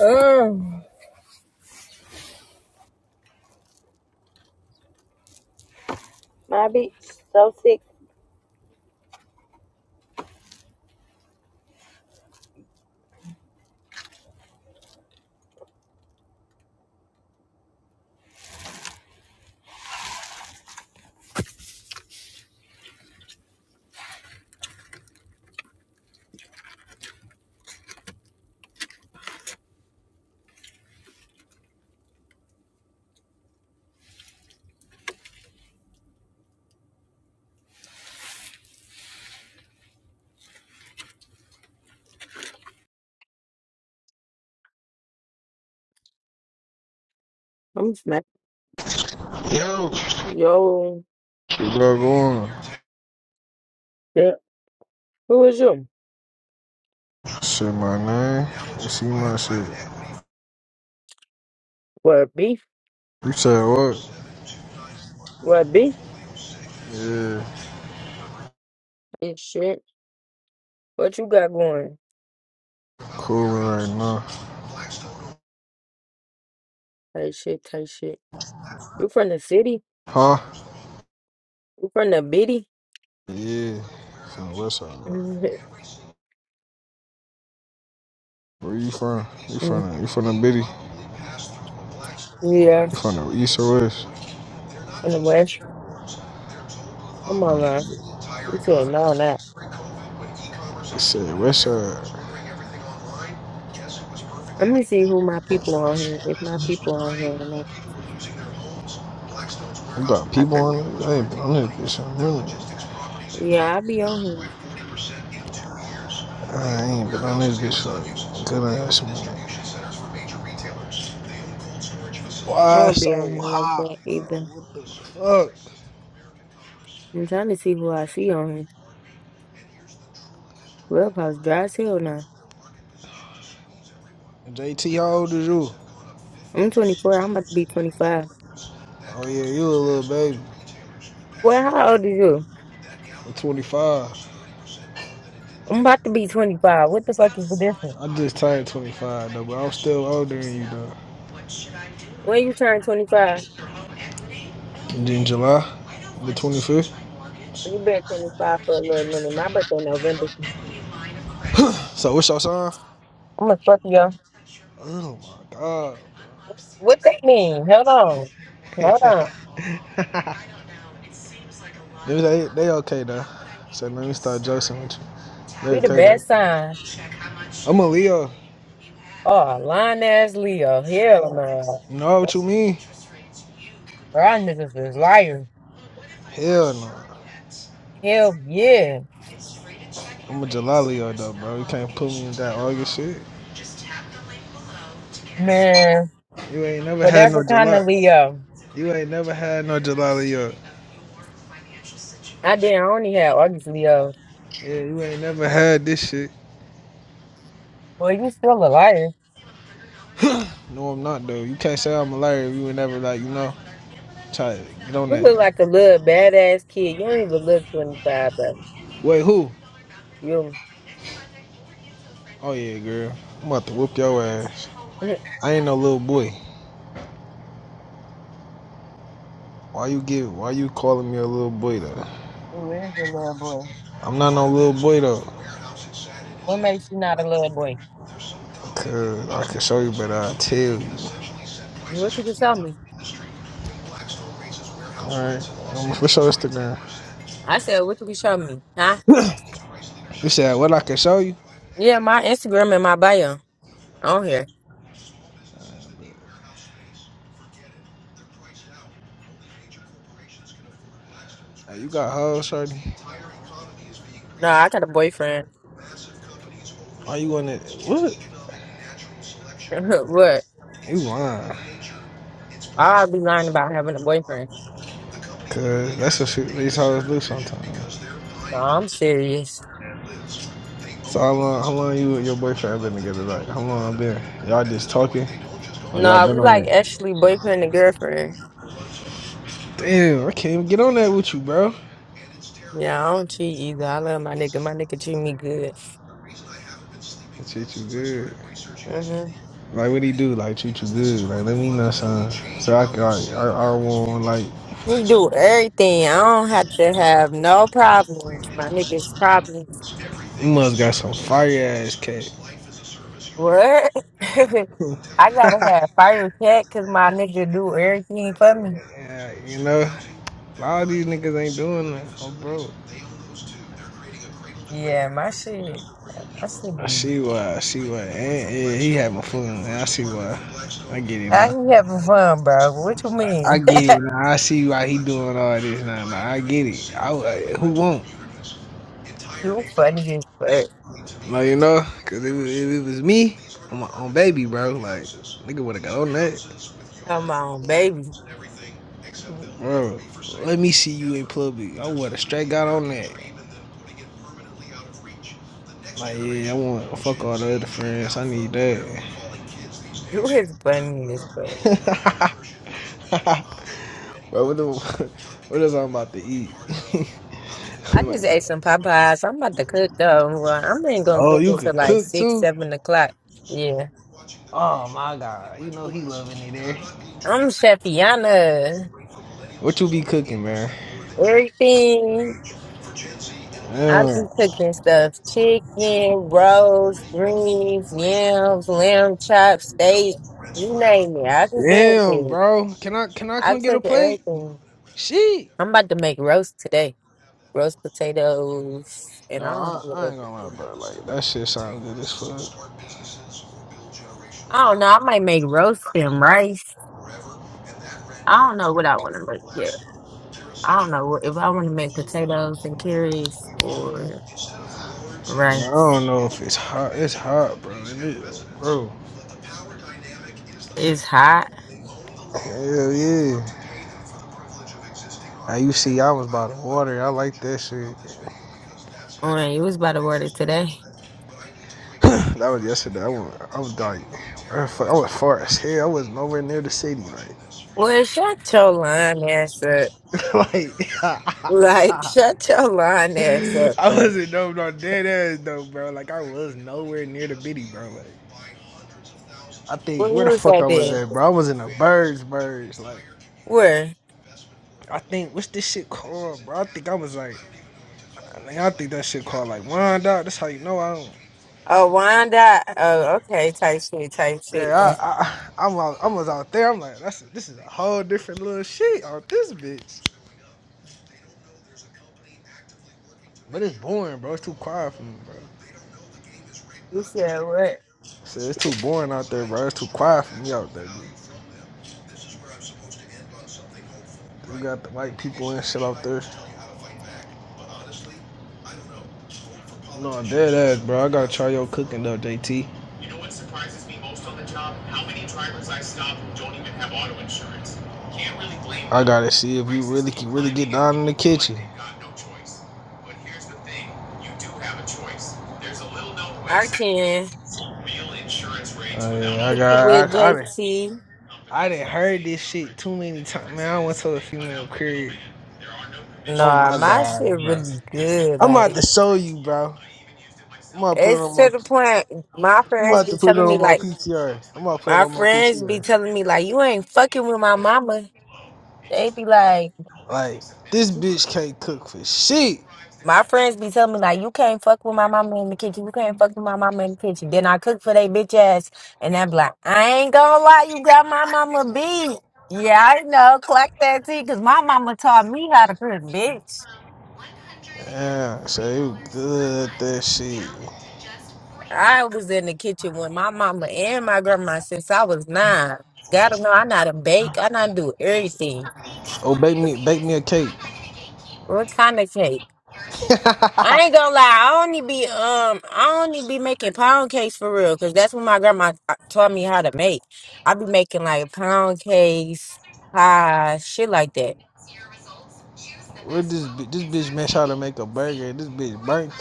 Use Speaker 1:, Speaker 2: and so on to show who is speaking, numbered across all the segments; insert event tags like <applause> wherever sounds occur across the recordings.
Speaker 1: Oh, I'm smacking
Speaker 2: Yo,
Speaker 1: yo.
Speaker 2: what's going?
Speaker 1: yeah. Who is you?
Speaker 2: Shit, my name. You see my shit.
Speaker 1: What beef?
Speaker 2: You said what?
Speaker 1: What beef?
Speaker 2: Yeah,
Speaker 1: Hey shit. What you got going?
Speaker 2: coolin' right now.
Speaker 1: Hey shit, tight shit. You from the city?
Speaker 2: Huh?
Speaker 1: You from the bitty?
Speaker 2: Yeah, from the west side, bro.
Speaker 1: Mhm.
Speaker 2: Where you from? You
Speaker 1: Mm,
Speaker 2: from the, you from the bitty?
Speaker 1: <laughs> yeah,
Speaker 2: You from the east or west?
Speaker 1: from the west. Come on, man. You said no, not.
Speaker 2: You said west side.
Speaker 1: Let me see who my people on here. If my people on here or not.
Speaker 2: We got
Speaker 1: I
Speaker 2: people
Speaker 1: can.
Speaker 2: on it. Hey, I'm on to get some really.
Speaker 1: Yeah, I be on here.
Speaker 2: I ain't, but I need to get some good ass money.
Speaker 1: I
Speaker 2: Why
Speaker 1: don't be on
Speaker 2: so
Speaker 1: here like
Speaker 2: hot,
Speaker 1: that
Speaker 2: bro?
Speaker 1: either.
Speaker 2: What the
Speaker 1: I'm trying to see who I see on here. Clubhouse dry as hell now.
Speaker 2: fuck? JT, how old is you?
Speaker 1: I'm 24. I'm about to be 25.
Speaker 2: Oh yeah, you a little baby.
Speaker 1: Well, how old are you?
Speaker 2: I'm 25.
Speaker 1: I'm about to be 25. What the fuck is the difference?
Speaker 2: I just turned 25 though, but I'm still older than you though.
Speaker 1: When you turn 25,
Speaker 2: In July, the 25th.
Speaker 1: you been 25 for a little minute. My birthday November.
Speaker 2: <clears throat> So what's your sign?
Speaker 1: I'm a Scorpio.
Speaker 2: Oh my god.
Speaker 1: What they mean? Hold on. Hold on.
Speaker 2: <laughs> Maybe they they okay though. So let me start joking with you. They
Speaker 1: We the
Speaker 2: okay though.
Speaker 1: best sign.
Speaker 2: I'm a Leo.
Speaker 1: Oh, lying ass Leo. Hell no.
Speaker 2: No, what you mean?
Speaker 1: Y'all niggas is liars.
Speaker 2: Hell no.
Speaker 1: Hell yeah.
Speaker 2: I'm a July Leo though, bro. You can't put me in that August shit.
Speaker 1: Man,
Speaker 2: You ain't never had
Speaker 1: whatever
Speaker 2: no
Speaker 1: kind of
Speaker 2: July.
Speaker 1: Leo.
Speaker 2: You ain't never had no Jalali up.
Speaker 1: I didn't only have August Leo.
Speaker 2: Yeah, you ain't never had this shit.
Speaker 1: Boy, you still a liar.
Speaker 2: No, I'm not though. You can't say I'm a liar if you ain't never like, you know, try to get on
Speaker 1: You
Speaker 2: that.
Speaker 1: look like a little badass kid. You don't even look 25, bro.
Speaker 2: Wait, who?
Speaker 1: You.
Speaker 2: Oh yeah, girl. I'm about to whoop your ass.
Speaker 1: <laughs>
Speaker 2: I ain't no little boy. Why you give why you calling me a little boy though?
Speaker 1: Who is your little boy?
Speaker 2: I'm not no little boy though.
Speaker 1: What makes you not a little boy?
Speaker 2: Cause I can show you, but uh, I tell you.
Speaker 1: What you can show me?
Speaker 2: All right, I'm show Instagram.
Speaker 1: I said, what you can show me? Huh?
Speaker 2: You said what I can show you?
Speaker 1: Yeah, my Instagram and my bio on here.
Speaker 2: Hey, you got hoes, shorty.
Speaker 1: No, I got a boyfriend.
Speaker 2: Why you want it? What?
Speaker 1: <laughs> what?
Speaker 2: You lying?
Speaker 1: I'll be lying about having a boyfriend.
Speaker 2: Cause that's what shoot these hoes do sometimes.
Speaker 1: No, I'm serious.
Speaker 2: So how long, how long you and your boyfriend been together? Like how long been? Y'all just talking, or y'all
Speaker 1: No,
Speaker 2: been
Speaker 1: we
Speaker 2: on
Speaker 1: like
Speaker 2: that?
Speaker 1: actually boyfriend and girlfriend.
Speaker 2: Damn, I can't even get on that with you, bro.
Speaker 1: Yeah, I don't cheat
Speaker 2: I
Speaker 1: either. I love my nigga. My nigga treat me good.
Speaker 2: treat you good.
Speaker 1: hmm
Speaker 2: Like what he do? Like treat you good. Like let me know something. So I can, I, I, I want like
Speaker 1: He do everything. I don't have to have no problems. My nigga's problems.
Speaker 2: You must got some fire ass cat.
Speaker 1: What? <laughs>
Speaker 2: <laughs>
Speaker 1: I gotta have fire cat because my nigga do everything for me.
Speaker 2: yeah, you know, a lot of these niggas ain't doing that. Oh, bro.
Speaker 1: Yeah, my shit. I should
Speaker 2: I see why. I see why. And, and he having fun. I see why. I get it,
Speaker 1: I
Speaker 2: man.
Speaker 1: you having fun, bro. What you
Speaker 2: I
Speaker 1: mean?
Speaker 2: get it now. I see why he doing all this now. now. I get it. I, I- who won't?
Speaker 1: <laughs> you funny as fuck.
Speaker 2: Like you know, cause if, it- if it was me, on my own baby, bro, like nigga would have got on that.
Speaker 1: Come on, baby.
Speaker 2: Bro, let me see you in public. I would have straight got on that. Like yeah, I want fuck all the other friends. I need that.
Speaker 1: You is funny as fuck.
Speaker 2: <laughs> bro, what the <laughs> what is I'm about to eat? <laughs>
Speaker 1: I
Speaker 2: I'm
Speaker 1: just ate
Speaker 2: like,
Speaker 1: some Popeyes. I'm about to cook though. Well, I'm ain't gonna
Speaker 2: oh,
Speaker 1: cook
Speaker 2: you can
Speaker 1: until like
Speaker 2: cook
Speaker 1: six,
Speaker 2: too?
Speaker 1: seven o'clock. Yeah.
Speaker 2: Oh my god, you know he loving it there.
Speaker 1: I'm Chefiana.
Speaker 2: What you be cooking, man?
Speaker 1: Everything. I be
Speaker 2: Damn,
Speaker 1: cooking stuff: chicken, roast, greens, yams, lamb chops, steak. You name it, I cook
Speaker 2: damn,
Speaker 1: everything.
Speaker 2: bro. Can I can I
Speaker 1: I
Speaker 2: come get a
Speaker 1: cook
Speaker 2: plate?
Speaker 1: everything.
Speaker 2: Shit.
Speaker 1: I'm about to make roast today. Roast potatoes,
Speaker 2: No,
Speaker 1: and I don't know
Speaker 2: I,
Speaker 1: what
Speaker 2: I
Speaker 1: else.
Speaker 2: ain't gonna lie, bro. Like that shit sounds good as fuck.
Speaker 1: I don't know. I might make roast and rice. I don't know what I want to make yet. I don't know what- if I want to make potatoes and carrots or
Speaker 2: Man, I
Speaker 1: rice.
Speaker 2: don't know if it's hot. It's hot, bro. It is, bro.
Speaker 1: It's hot.
Speaker 2: Hell yeah. Now you see, I was by the water. I like that shit.
Speaker 1: When you was about to order today.
Speaker 2: <clears throat> that was yesterday. I was, I was like, I was far as hell. I was nowhere near the city.
Speaker 1: Well, shut your line ass up.
Speaker 2: Like, <laughs> like
Speaker 1: Like, shut your lying ass
Speaker 2: <laughs>
Speaker 1: up,
Speaker 2: I
Speaker 1: bro.
Speaker 2: wasn't no, no dead ass though, bro. Like, I was nowhere near the bitty, bro. Like, I think
Speaker 1: Where you
Speaker 2: where the
Speaker 1: was
Speaker 2: fuck I
Speaker 1: at
Speaker 2: was
Speaker 1: then?
Speaker 2: at, bro. I was in the birds, birds. Like,
Speaker 1: Where?
Speaker 2: I think what's this shit called, bro? I think I was like. I think I think that shit called like wind out. That's how you know I don't.
Speaker 1: Oh, Wanda. Oh, okay. Type shit, type shit.
Speaker 2: Yeah, I I, I, am out, I was out there. I'm like, that's a, this is a whole different little shit out this bitch. But it's boring, bro. It's too quiet for me, bro.
Speaker 1: You said what?
Speaker 2: Shit, it's too boring out there, bro. It's too quiet for me out there. Dude. We got the white people and shit out there. No, dead ass, bro. I gotta try your cooking though, JT. I gotta see if you really can really get down in the kitchen.
Speaker 1: I can.
Speaker 2: I,
Speaker 1: Picked it with
Speaker 2: got I I didn't
Speaker 1: JT.
Speaker 2: I didn't heard this shit too many times. Man, I went to a female crib. Oh my
Speaker 1: Nah, my
Speaker 2: god,
Speaker 1: shit
Speaker 2: bro!
Speaker 1: really good.
Speaker 2: I'm about
Speaker 1: Like,
Speaker 2: to show you, bro. I'm about to put it
Speaker 1: it's
Speaker 2: on
Speaker 1: to
Speaker 2: my.
Speaker 1: the point my
Speaker 2: I'm
Speaker 1: friends
Speaker 2: about
Speaker 1: be
Speaker 2: to put it
Speaker 1: telling
Speaker 2: on
Speaker 1: me,
Speaker 2: my
Speaker 1: like,
Speaker 2: PTR. I'm about to put it
Speaker 1: my
Speaker 2: on my
Speaker 1: friends be
Speaker 2: PTR.
Speaker 1: telling me, like, you ain't fucking with my mama. They be like,
Speaker 2: Like this bitch can't cook for shit.
Speaker 1: My friends be telling me like, you can't fuck with my mama in the kitchen. You can't fuck with my mama in the kitchen. Then I cook for they bitch ass, and I'm like, I ain't gonna lie, you got my mama beat. Yeah, I know, clack that tea, cause my mama taught me how to cook, bitch.
Speaker 2: Yeah, so you good that shit.
Speaker 1: I was in the kitchen with my mama and my grandma since I was nine. Gotta know I know how to bake. I know how to do everything.
Speaker 2: Oh, bake me bake me a cake.
Speaker 1: What kind of cake?
Speaker 2: <laughs>
Speaker 1: I ain't gonna lie. I only be um, I only be making pound cakes for real, cause that's what my grandma uh, taught me how to make. I be making like pound cakes, pie, shit like that.
Speaker 2: What this this bitch man? Try to make a burger. This bitch burnt it.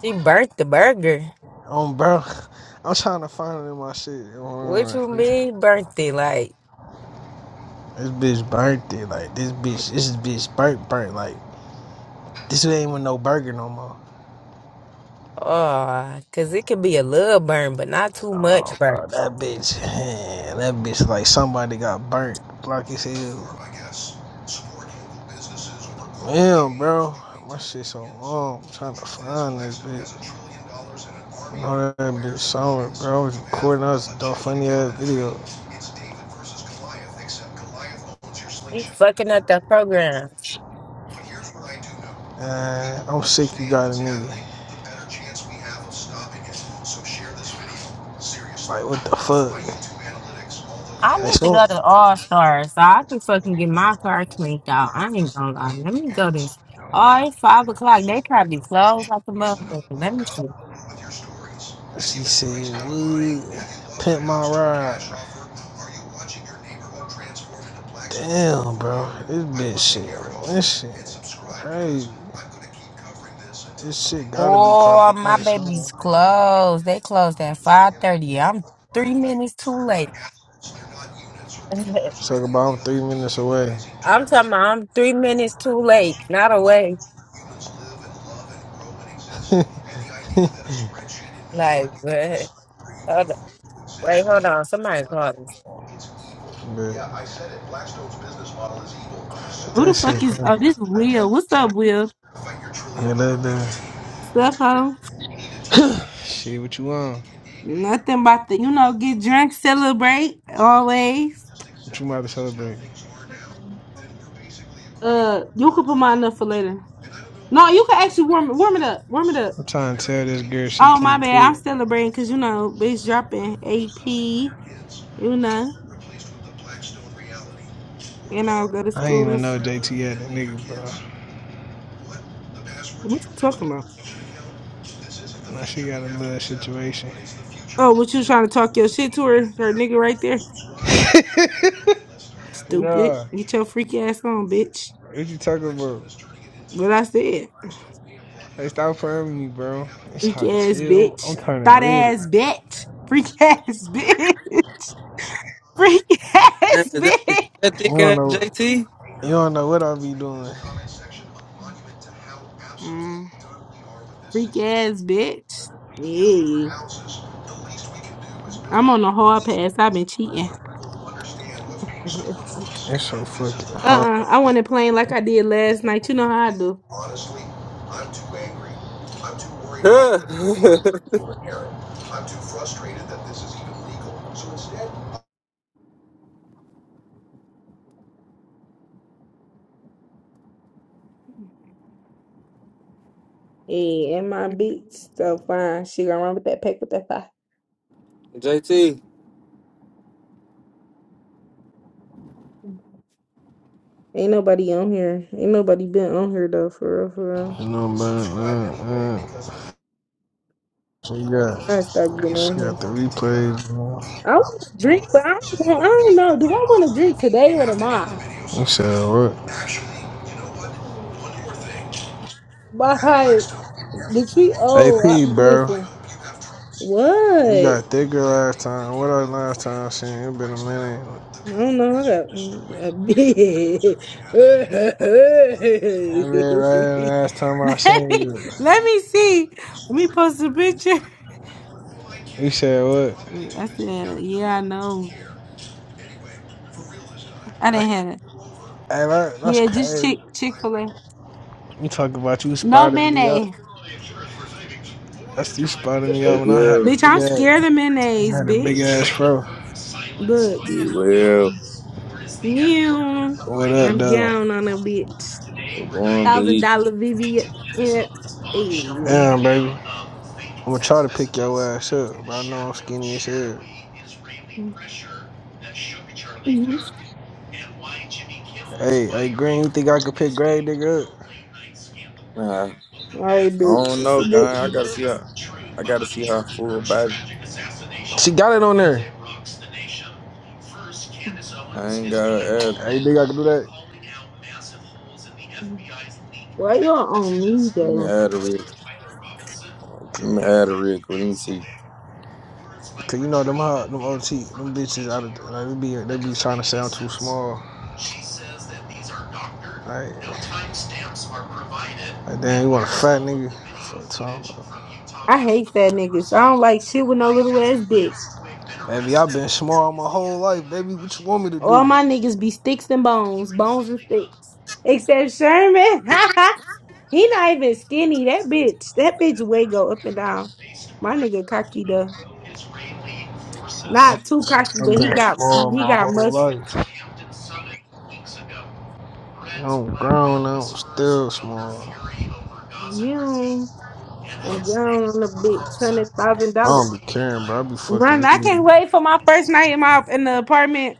Speaker 1: She burnt the burger.
Speaker 2: Um, bro, I'm trying to find it in my shit.
Speaker 1: What you mean burnt it? Like,
Speaker 2: This bitch burnt it. Like this bitch, this bitch burnt burnt. Like this ain't even no burger no more.
Speaker 1: oh, cause it could be a little burn, but not too
Speaker 2: Oh,
Speaker 1: much burn.
Speaker 2: bro, that bitch, man, that bitch like somebody got burnt, black as hell. Damn, bro, my shit so long. I'm trying to find this bitch. No, that bitch song, bro. I was recording, I was doing funny ass video.
Speaker 1: She fucking up the program.
Speaker 2: Uh, I'm sick, you got a nigga. Like, what the fuck?
Speaker 1: I
Speaker 2: They
Speaker 1: need to
Speaker 2: so.
Speaker 1: go to All Stars so I can fucking get my car cleaned out. I ain't gonna lie. Let me go to Oh, it's five o'clock. They probably closed like a motherfucker. Let me see.
Speaker 2: She said, "Wood, pimp my ride." Damn, bro, this bitch shit, this shit, crazy. This shit gotta be
Speaker 1: Oh,
Speaker 2: popping up
Speaker 1: my
Speaker 2: soon.
Speaker 1: baby's closed. They closed at five thirty. I'm three minutes too late. <laughs> I'm
Speaker 2: Talk about I'm three minutes away.
Speaker 1: talking. About I'm three minutes too late. Not away. Like, <laughs> hold on.
Speaker 2: <laughs>
Speaker 1: wait,
Speaker 2: <laughs>
Speaker 1: hold on. Somebody called
Speaker 2: But but
Speaker 3: Who the fuck is? Oh,
Speaker 2: man.
Speaker 3: this Will. What's up, Will? What's up, ho?
Speaker 2: shit. What you want?
Speaker 3: Nothing about the, you know, get drunk, celebrate always. Uh, you could put mine up for later. No, you can actually warm it, warm it up. Warm it up. Oh my bad, I'm celebrating because you know bitch dropping AP. You know, and I'll go to
Speaker 2: I ain't
Speaker 3: schools.
Speaker 2: JT
Speaker 3: What you talking about? Oh, what you trying to talk your shit to her, her nigga right there?
Speaker 2: <laughs>
Speaker 3: Stupid. Get your freak ass on, bitch.
Speaker 2: What you talking about?
Speaker 3: What I said.
Speaker 2: Hey, stop playing with me, bro. It's
Speaker 3: Freak
Speaker 2: hard to
Speaker 3: ass
Speaker 2: tell. I'm,
Speaker 3: bitch.
Speaker 2: I'm turning
Speaker 3: Thought
Speaker 2: red. You
Speaker 3: ass bitch. Freak ass <laughs> bitch. Freak
Speaker 4: Damn,
Speaker 3: ass <laughs>
Speaker 4: is that, is
Speaker 3: bitch.
Speaker 4: that thick
Speaker 2: don't
Speaker 4: ass
Speaker 2: know.
Speaker 4: JT?
Speaker 2: You don't know what I be doing.
Speaker 3: Mm, freak ass bitch. Hey, I'm on a hard pass. I've been cheating. <laughs> uh-uh.
Speaker 2: It's so fucking hot.
Speaker 3: I want it playing like I did last night. You know how I do.
Speaker 4: Yeah.
Speaker 3: Hey, and my beats so fine. She gonna run with that pack with that five.
Speaker 4: JT. <laughs>
Speaker 3: Ain't nobody on here. Ain't nobody been on here though. For real, for real.
Speaker 2: You know, man. man, man. So you got,
Speaker 3: I stop getting
Speaker 2: she
Speaker 3: on here.
Speaker 2: got the replays. Man.
Speaker 3: I want to drink, but I don't want. I don't know. Do I want to drink today or tomorrow?
Speaker 2: You said what?
Speaker 3: Like the treat.
Speaker 2: AP,
Speaker 3: Oh, I,
Speaker 2: bro.
Speaker 3: listen. What?
Speaker 2: You
Speaker 3: I
Speaker 2: got thicker last time. What else last time I seen? you? It been a minute.
Speaker 3: don't know. I got <laughs> mm, a big.
Speaker 2: It been right last time I
Speaker 3: <laughs>
Speaker 2: seen
Speaker 3: let me
Speaker 2: you.
Speaker 3: let me see. Let me post a picture.
Speaker 2: You said
Speaker 3: I said, yeah, I know. I
Speaker 2: what?
Speaker 3: didn't have it.
Speaker 2: Hey, that, that's
Speaker 3: Yeah, just
Speaker 2: crazy.
Speaker 3: Chick Chick Fil A.
Speaker 2: You talking about you
Speaker 3: No
Speaker 2: spotting me up.
Speaker 3: mayonnaise,
Speaker 2: That's you spotting
Speaker 5: Yo,
Speaker 2: me up when I had a
Speaker 5: Will.
Speaker 3: bitch.
Speaker 2: big
Speaker 3: I'm
Speaker 2: ass,
Speaker 3: scared of
Speaker 2: I
Speaker 3: mayonnaise,
Speaker 2: had a big ass
Speaker 3: bitch.
Speaker 2: fro.
Speaker 3: Look.
Speaker 5: D Will.
Speaker 3: Yeah,
Speaker 2: What up,
Speaker 3: I'm
Speaker 2: though?
Speaker 3: down on a bitch.
Speaker 5: We're going
Speaker 3: Thousand
Speaker 5: bleak.
Speaker 3: dollar Vivian, Hey.
Speaker 2: Damn, baby. I'm gonna try to pick your ass up, but I know I'm skinny as hell.
Speaker 3: All
Speaker 2: Hey, hey, Green, you think I could pick Gray nigga up?
Speaker 5: Nah,
Speaker 3: right,
Speaker 5: I
Speaker 3: bitch.
Speaker 5: don't
Speaker 3: It's
Speaker 5: know,
Speaker 3: a
Speaker 5: guy. I
Speaker 3: good-
Speaker 5: gotta see her. I gotta see her full body.
Speaker 2: got it on
Speaker 5: I ain't gotta add.
Speaker 2: Hey, I can do that?
Speaker 3: Why you on me
Speaker 5: Let me
Speaker 3: though?
Speaker 5: add a rig. Let me add a rig. Let me see.
Speaker 2: Okay. Cause you know them hot, them OT, them bitches out of like they be they be trying to sound too small. Like, like damn, you want a fat nigga for talking about.
Speaker 3: I hate fat niggas. I don't like shit with no little ass dick.
Speaker 2: Baby, I've been small my whole life, baby. What you want me to
Speaker 3: All
Speaker 2: do?
Speaker 3: my niggas be sticks and bones, bones and sticks. Except Sherman. <laughs> he not even skinny. That bitch. That bitch way go up and down. My nigga cocky though. Not
Speaker 2: I've
Speaker 3: too cocky,
Speaker 2: been, I've
Speaker 3: but he
Speaker 2: been
Speaker 3: got
Speaker 2: small
Speaker 3: he
Speaker 2: my
Speaker 3: got
Speaker 2: whole
Speaker 3: muscle.
Speaker 2: life. I'm grown, I'm still small. I
Speaker 3: Yeah. I'm gone a bitch, hundred thousand dollars.
Speaker 2: don't be caring, bro. I be fucking
Speaker 3: Run!
Speaker 2: these
Speaker 3: I can't
Speaker 2: niggas.
Speaker 3: wait for my first night in my in the apartment.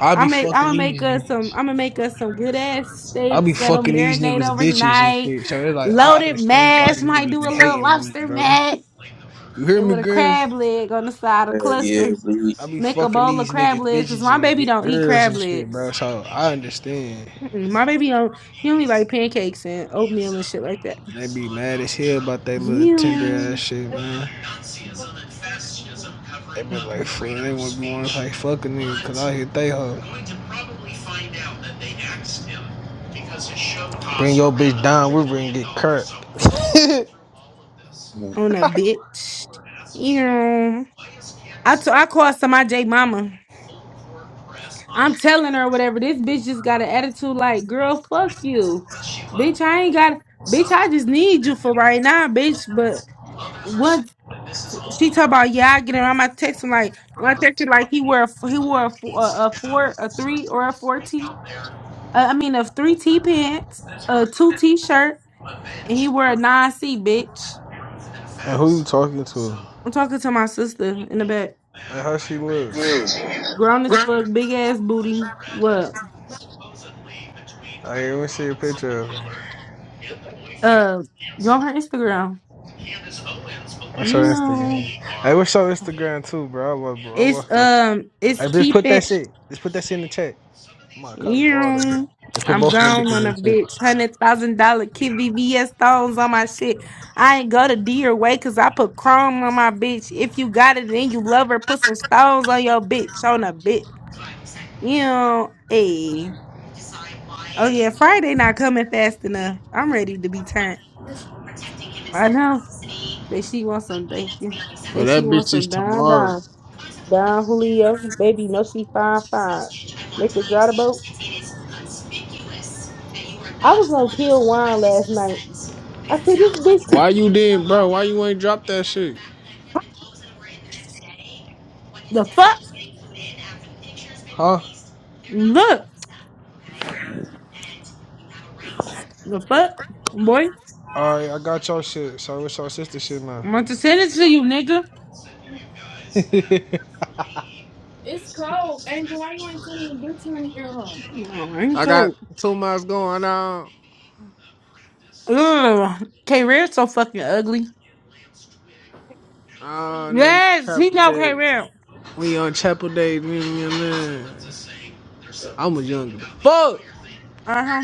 Speaker 2: I
Speaker 3: I
Speaker 2: be
Speaker 3: make I'm
Speaker 2: fucking
Speaker 3: gonna make
Speaker 2: these.
Speaker 3: us some.
Speaker 2: niggas.
Speaker 3: I'm gonna make us some good ass
Speaker 2: I be
Speaker 3: steaks. Let them
Speaker 2: fucking these
Speaker 3: marinate
Speaker 2: niggas bitches and
Speaker 3: overnight.
Speaker 2: shit. So it's like I
Speaker 3: Loaded
Speaker 2: understand why
Speaker 3: mash.
Speaker 2: these
Speaker 3: Might do
Speaker 2: niggas
Speaker 3: a
Speaker 2: be
Speaker 3: little
Speaker 2: hating on me,
Speaker 3: lobster
Speaker 2: bro.
Speaker 3: mash.
Speaker 2: You hear
Speaker 3: It
Speaker 2: me,
Speaker 3: with a
Speaker 2: Green?
Speaker 3: crab leg on the side, a
Speaker 5: Hell yeah,
Speaker 3: cluster.
Speaker 5: bleed.
Speaker 2: I be
Speaker 3: Make a
Speaker 2: fucking
Speaker 3: bowl of
Speaker 2: these
Speaker 3: crab
Speaker 2: niggas
Speaker 3: legs. Cause
Speaker 2: bitches
Speaker 3: my
Speaker 2: and,
Speaker 3: baby
Speaker 2: and
Speaker 3: don't eat
Speaker 2: girls
Speaker 3: crab
Speaker 2: and shit,
Speaker 3: legs.
Speaker 2: bro. So I understand.
Speaker 3: Mm-mm, my baby don't. He only like pancakes and oatmeal and shit like that.
Speaker 2: They be mad as hell about that little tender ass
Speaker 3: You.
Speaker 2: shit, man. They be like, fuck, they want to be wanting like, fuck a nigga, cause I hit they hoe.
Speaker 3: Mm.
Speaker 2: Bring your bitch down, we're gonna get cracked. <laughs>
Speaker 3: on a bitch. You know, I t- I called somebody J mama. I'm telling her whatever. This bitch just got an attitude like, girl, fuck you, bitch. I ain't got, bitch. I just need you for right now, bitch. But what she talk about? Yeah, I get around my text. I'm like, when I text her like he wore a, f- he wore a, f- a, a four, a three or a four t. Uh, I mean, a three t pants, a two t shirt, and he wore a nine c, bitch.
Speaker 2: and who you talking to?
Speaker 3: I'm talking to my sister in the back.
Speaker 2: And how she look?
Speaker 3: Grown as fuck, big ass booty. Well,
Speaker 2: I ain't even see a picture of her.
Speaker 3: uh, go on her Instagram.
Speaker 2: I
Speaker 3: You
Speaker 2: Instagram?
Speaker 3: know,
Speaker 2: Hey, what's your Instagram too, bro? I love, bro. I
Speaker 3: it's
Speaker 2: love that. Shit.
Speaker 3: um, it's
Speaker 2: Hey, just
Speaker 3: keep
Speaker 2: put that
Speaker 3: it.
Speaker 2: shit. Just put that shit in the chat. I'm gonna copy
Speaker 3: You
Speaker 2: all of them.
Speaker 3: know,
Speaker 2: Just put
Speaker 3: I'm
Speaker 2: both of them bitches
Speaker 3: gone on
Speaker 2: in
Speaker 3: a
Speaker 2: the
Speaker 3: bitch. Hundred thousand dollar KVVS stones on my shit. I ain't go to D or way cause I put chrome on my bitch. If you got it and you love her, put some stones on your bitch on a bitch. You know, hey. Oh yeah, Friday not coming fast enough. I'm ready to be turned. I know. Say she wants some thank you. Say she wants some down down. Down Julio. Baby, no she fine fine. Make her drive the boat. I was gonna kill wine last night. I said this
Speaker 2: chat.
Speaker 3: bitch
Speaker 2: Why
Speaker 3: t-
Speaker 2: you didn't, bro? Why you ain't drop that shit?
Speaker 3: the fuck?
Speaker 2: Huh?
Speaker 3: Look. The fuck? Boy.
Speaker 2: All right, I got your shit. So what's your sister shit now?
Speaker 3: I'm about to send it to you, nigga. It's cold. And why you want to me to turn the air on? No, I
Speaker 2: <laughs>
Speaker 3: ain't
Speaker 2: I got
Speaker 3: cold.
Speaker 2: two months going on.
Speaker 3: Ugh. K Rare's so fucking ugly.
Speaker 2: I in a couple
Speaker 3: Yes, he know K
Speaker 2: days.
Speaker 3: Rare.
Speaker 2: We on Chapel Day, me and your man. I was young. as Fuck!
Speaker 3: Uh-huh.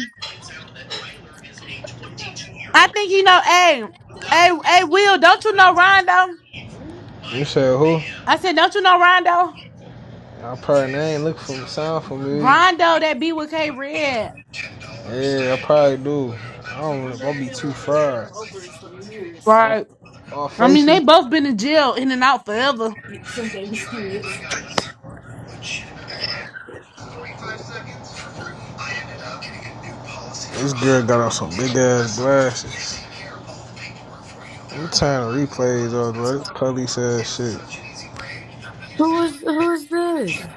Speaker 3: I think you know, hey, hey, hey, Will, don't you know Rondo?
Speaker 2: You said who?
Speaker 3: I said, don't you know Rondo?
Speaker 2: I probably I ain't look for sound for me.
Speaker 3: Rondo that be with K Red.
Speaker 2: Yeah, I probably do. I don't know. if I'll be too fried. All,
Speaker 3: Right.
Speaker 2: all
Speaker 3: I mean, they
Speaker 2: facial.
Speaker 3: both been in jail in and out forever.
Speaker 2: This girl got on some big ass glasses. I'm tired of replays of
Speaker 6: Who
Speaker 2: brother. Police ass shit.
Speaker 6: Who is who's this?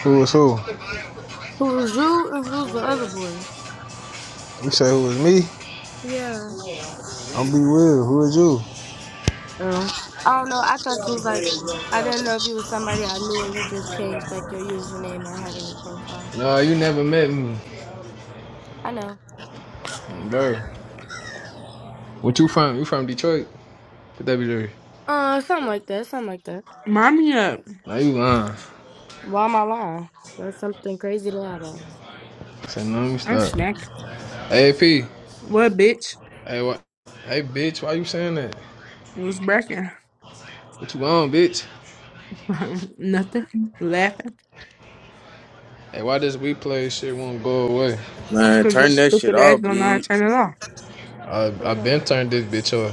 Speaker 2: Who was who?
Speaker 6: Who was you and who's the other boy?
Speaker 2: You say who was me?
Speaker 6: Yeah.
Speaker 2: I'm B Will. Who is you?
Speaker 6: Oh. I don't know. I thought you was like I didn't know if you was somebody I knew and you just changed like your username or had a new profile.
Speaker 2: Nah, you never met me,
Speaker 6: I know.
Speaker 2: bro. What you from? You from Detroit? Put that be there.
Speaker 6: Uh something like that. Something like that.
Speaker 3: Mommy up.
Speaker 2: Now you lying.
Speaker 6: Why am I lying? That's something crazy to lie about.
Speaker 2: I said no, let me
Speaker 3: I'm
Speaker 2: stop.
Speaker 3: smacking.
Speaker 2: AP,
Speaker 3: What, bitch?
Speaker 2: Hey, what? Hey, bitch, why you saying that?
Speaker 3: What's breaking?
Speaker 2: What you on, bitch?
Speaker 3: <laughs> Nothing. Laughing.
Speaker 2: Hey, why this replay shit won't go away?
Speaker 5: Man,
Speaker 3: Because your
Speaker 5: turn that shit
Speaker 3: stupid
Speaker 5: off,
Speaker 3: ass don't know how to
Speaker 5: bleed.
Speaker 3: turn it off.
Speaker 2: I I been
Speaker 6: Hold
Speaker 2: turned this bitch on.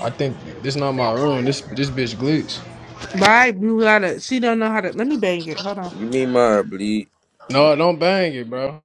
Speaker 2: I think this not my room. This this bitch glitch.
Speaker 6: on.
Speaker 3: Bye. You gotta, she don't know how to, let me bang it. Hold on.
Speaker 5: Give me my bleed.
Speaker 2: No, don't bang it, bro.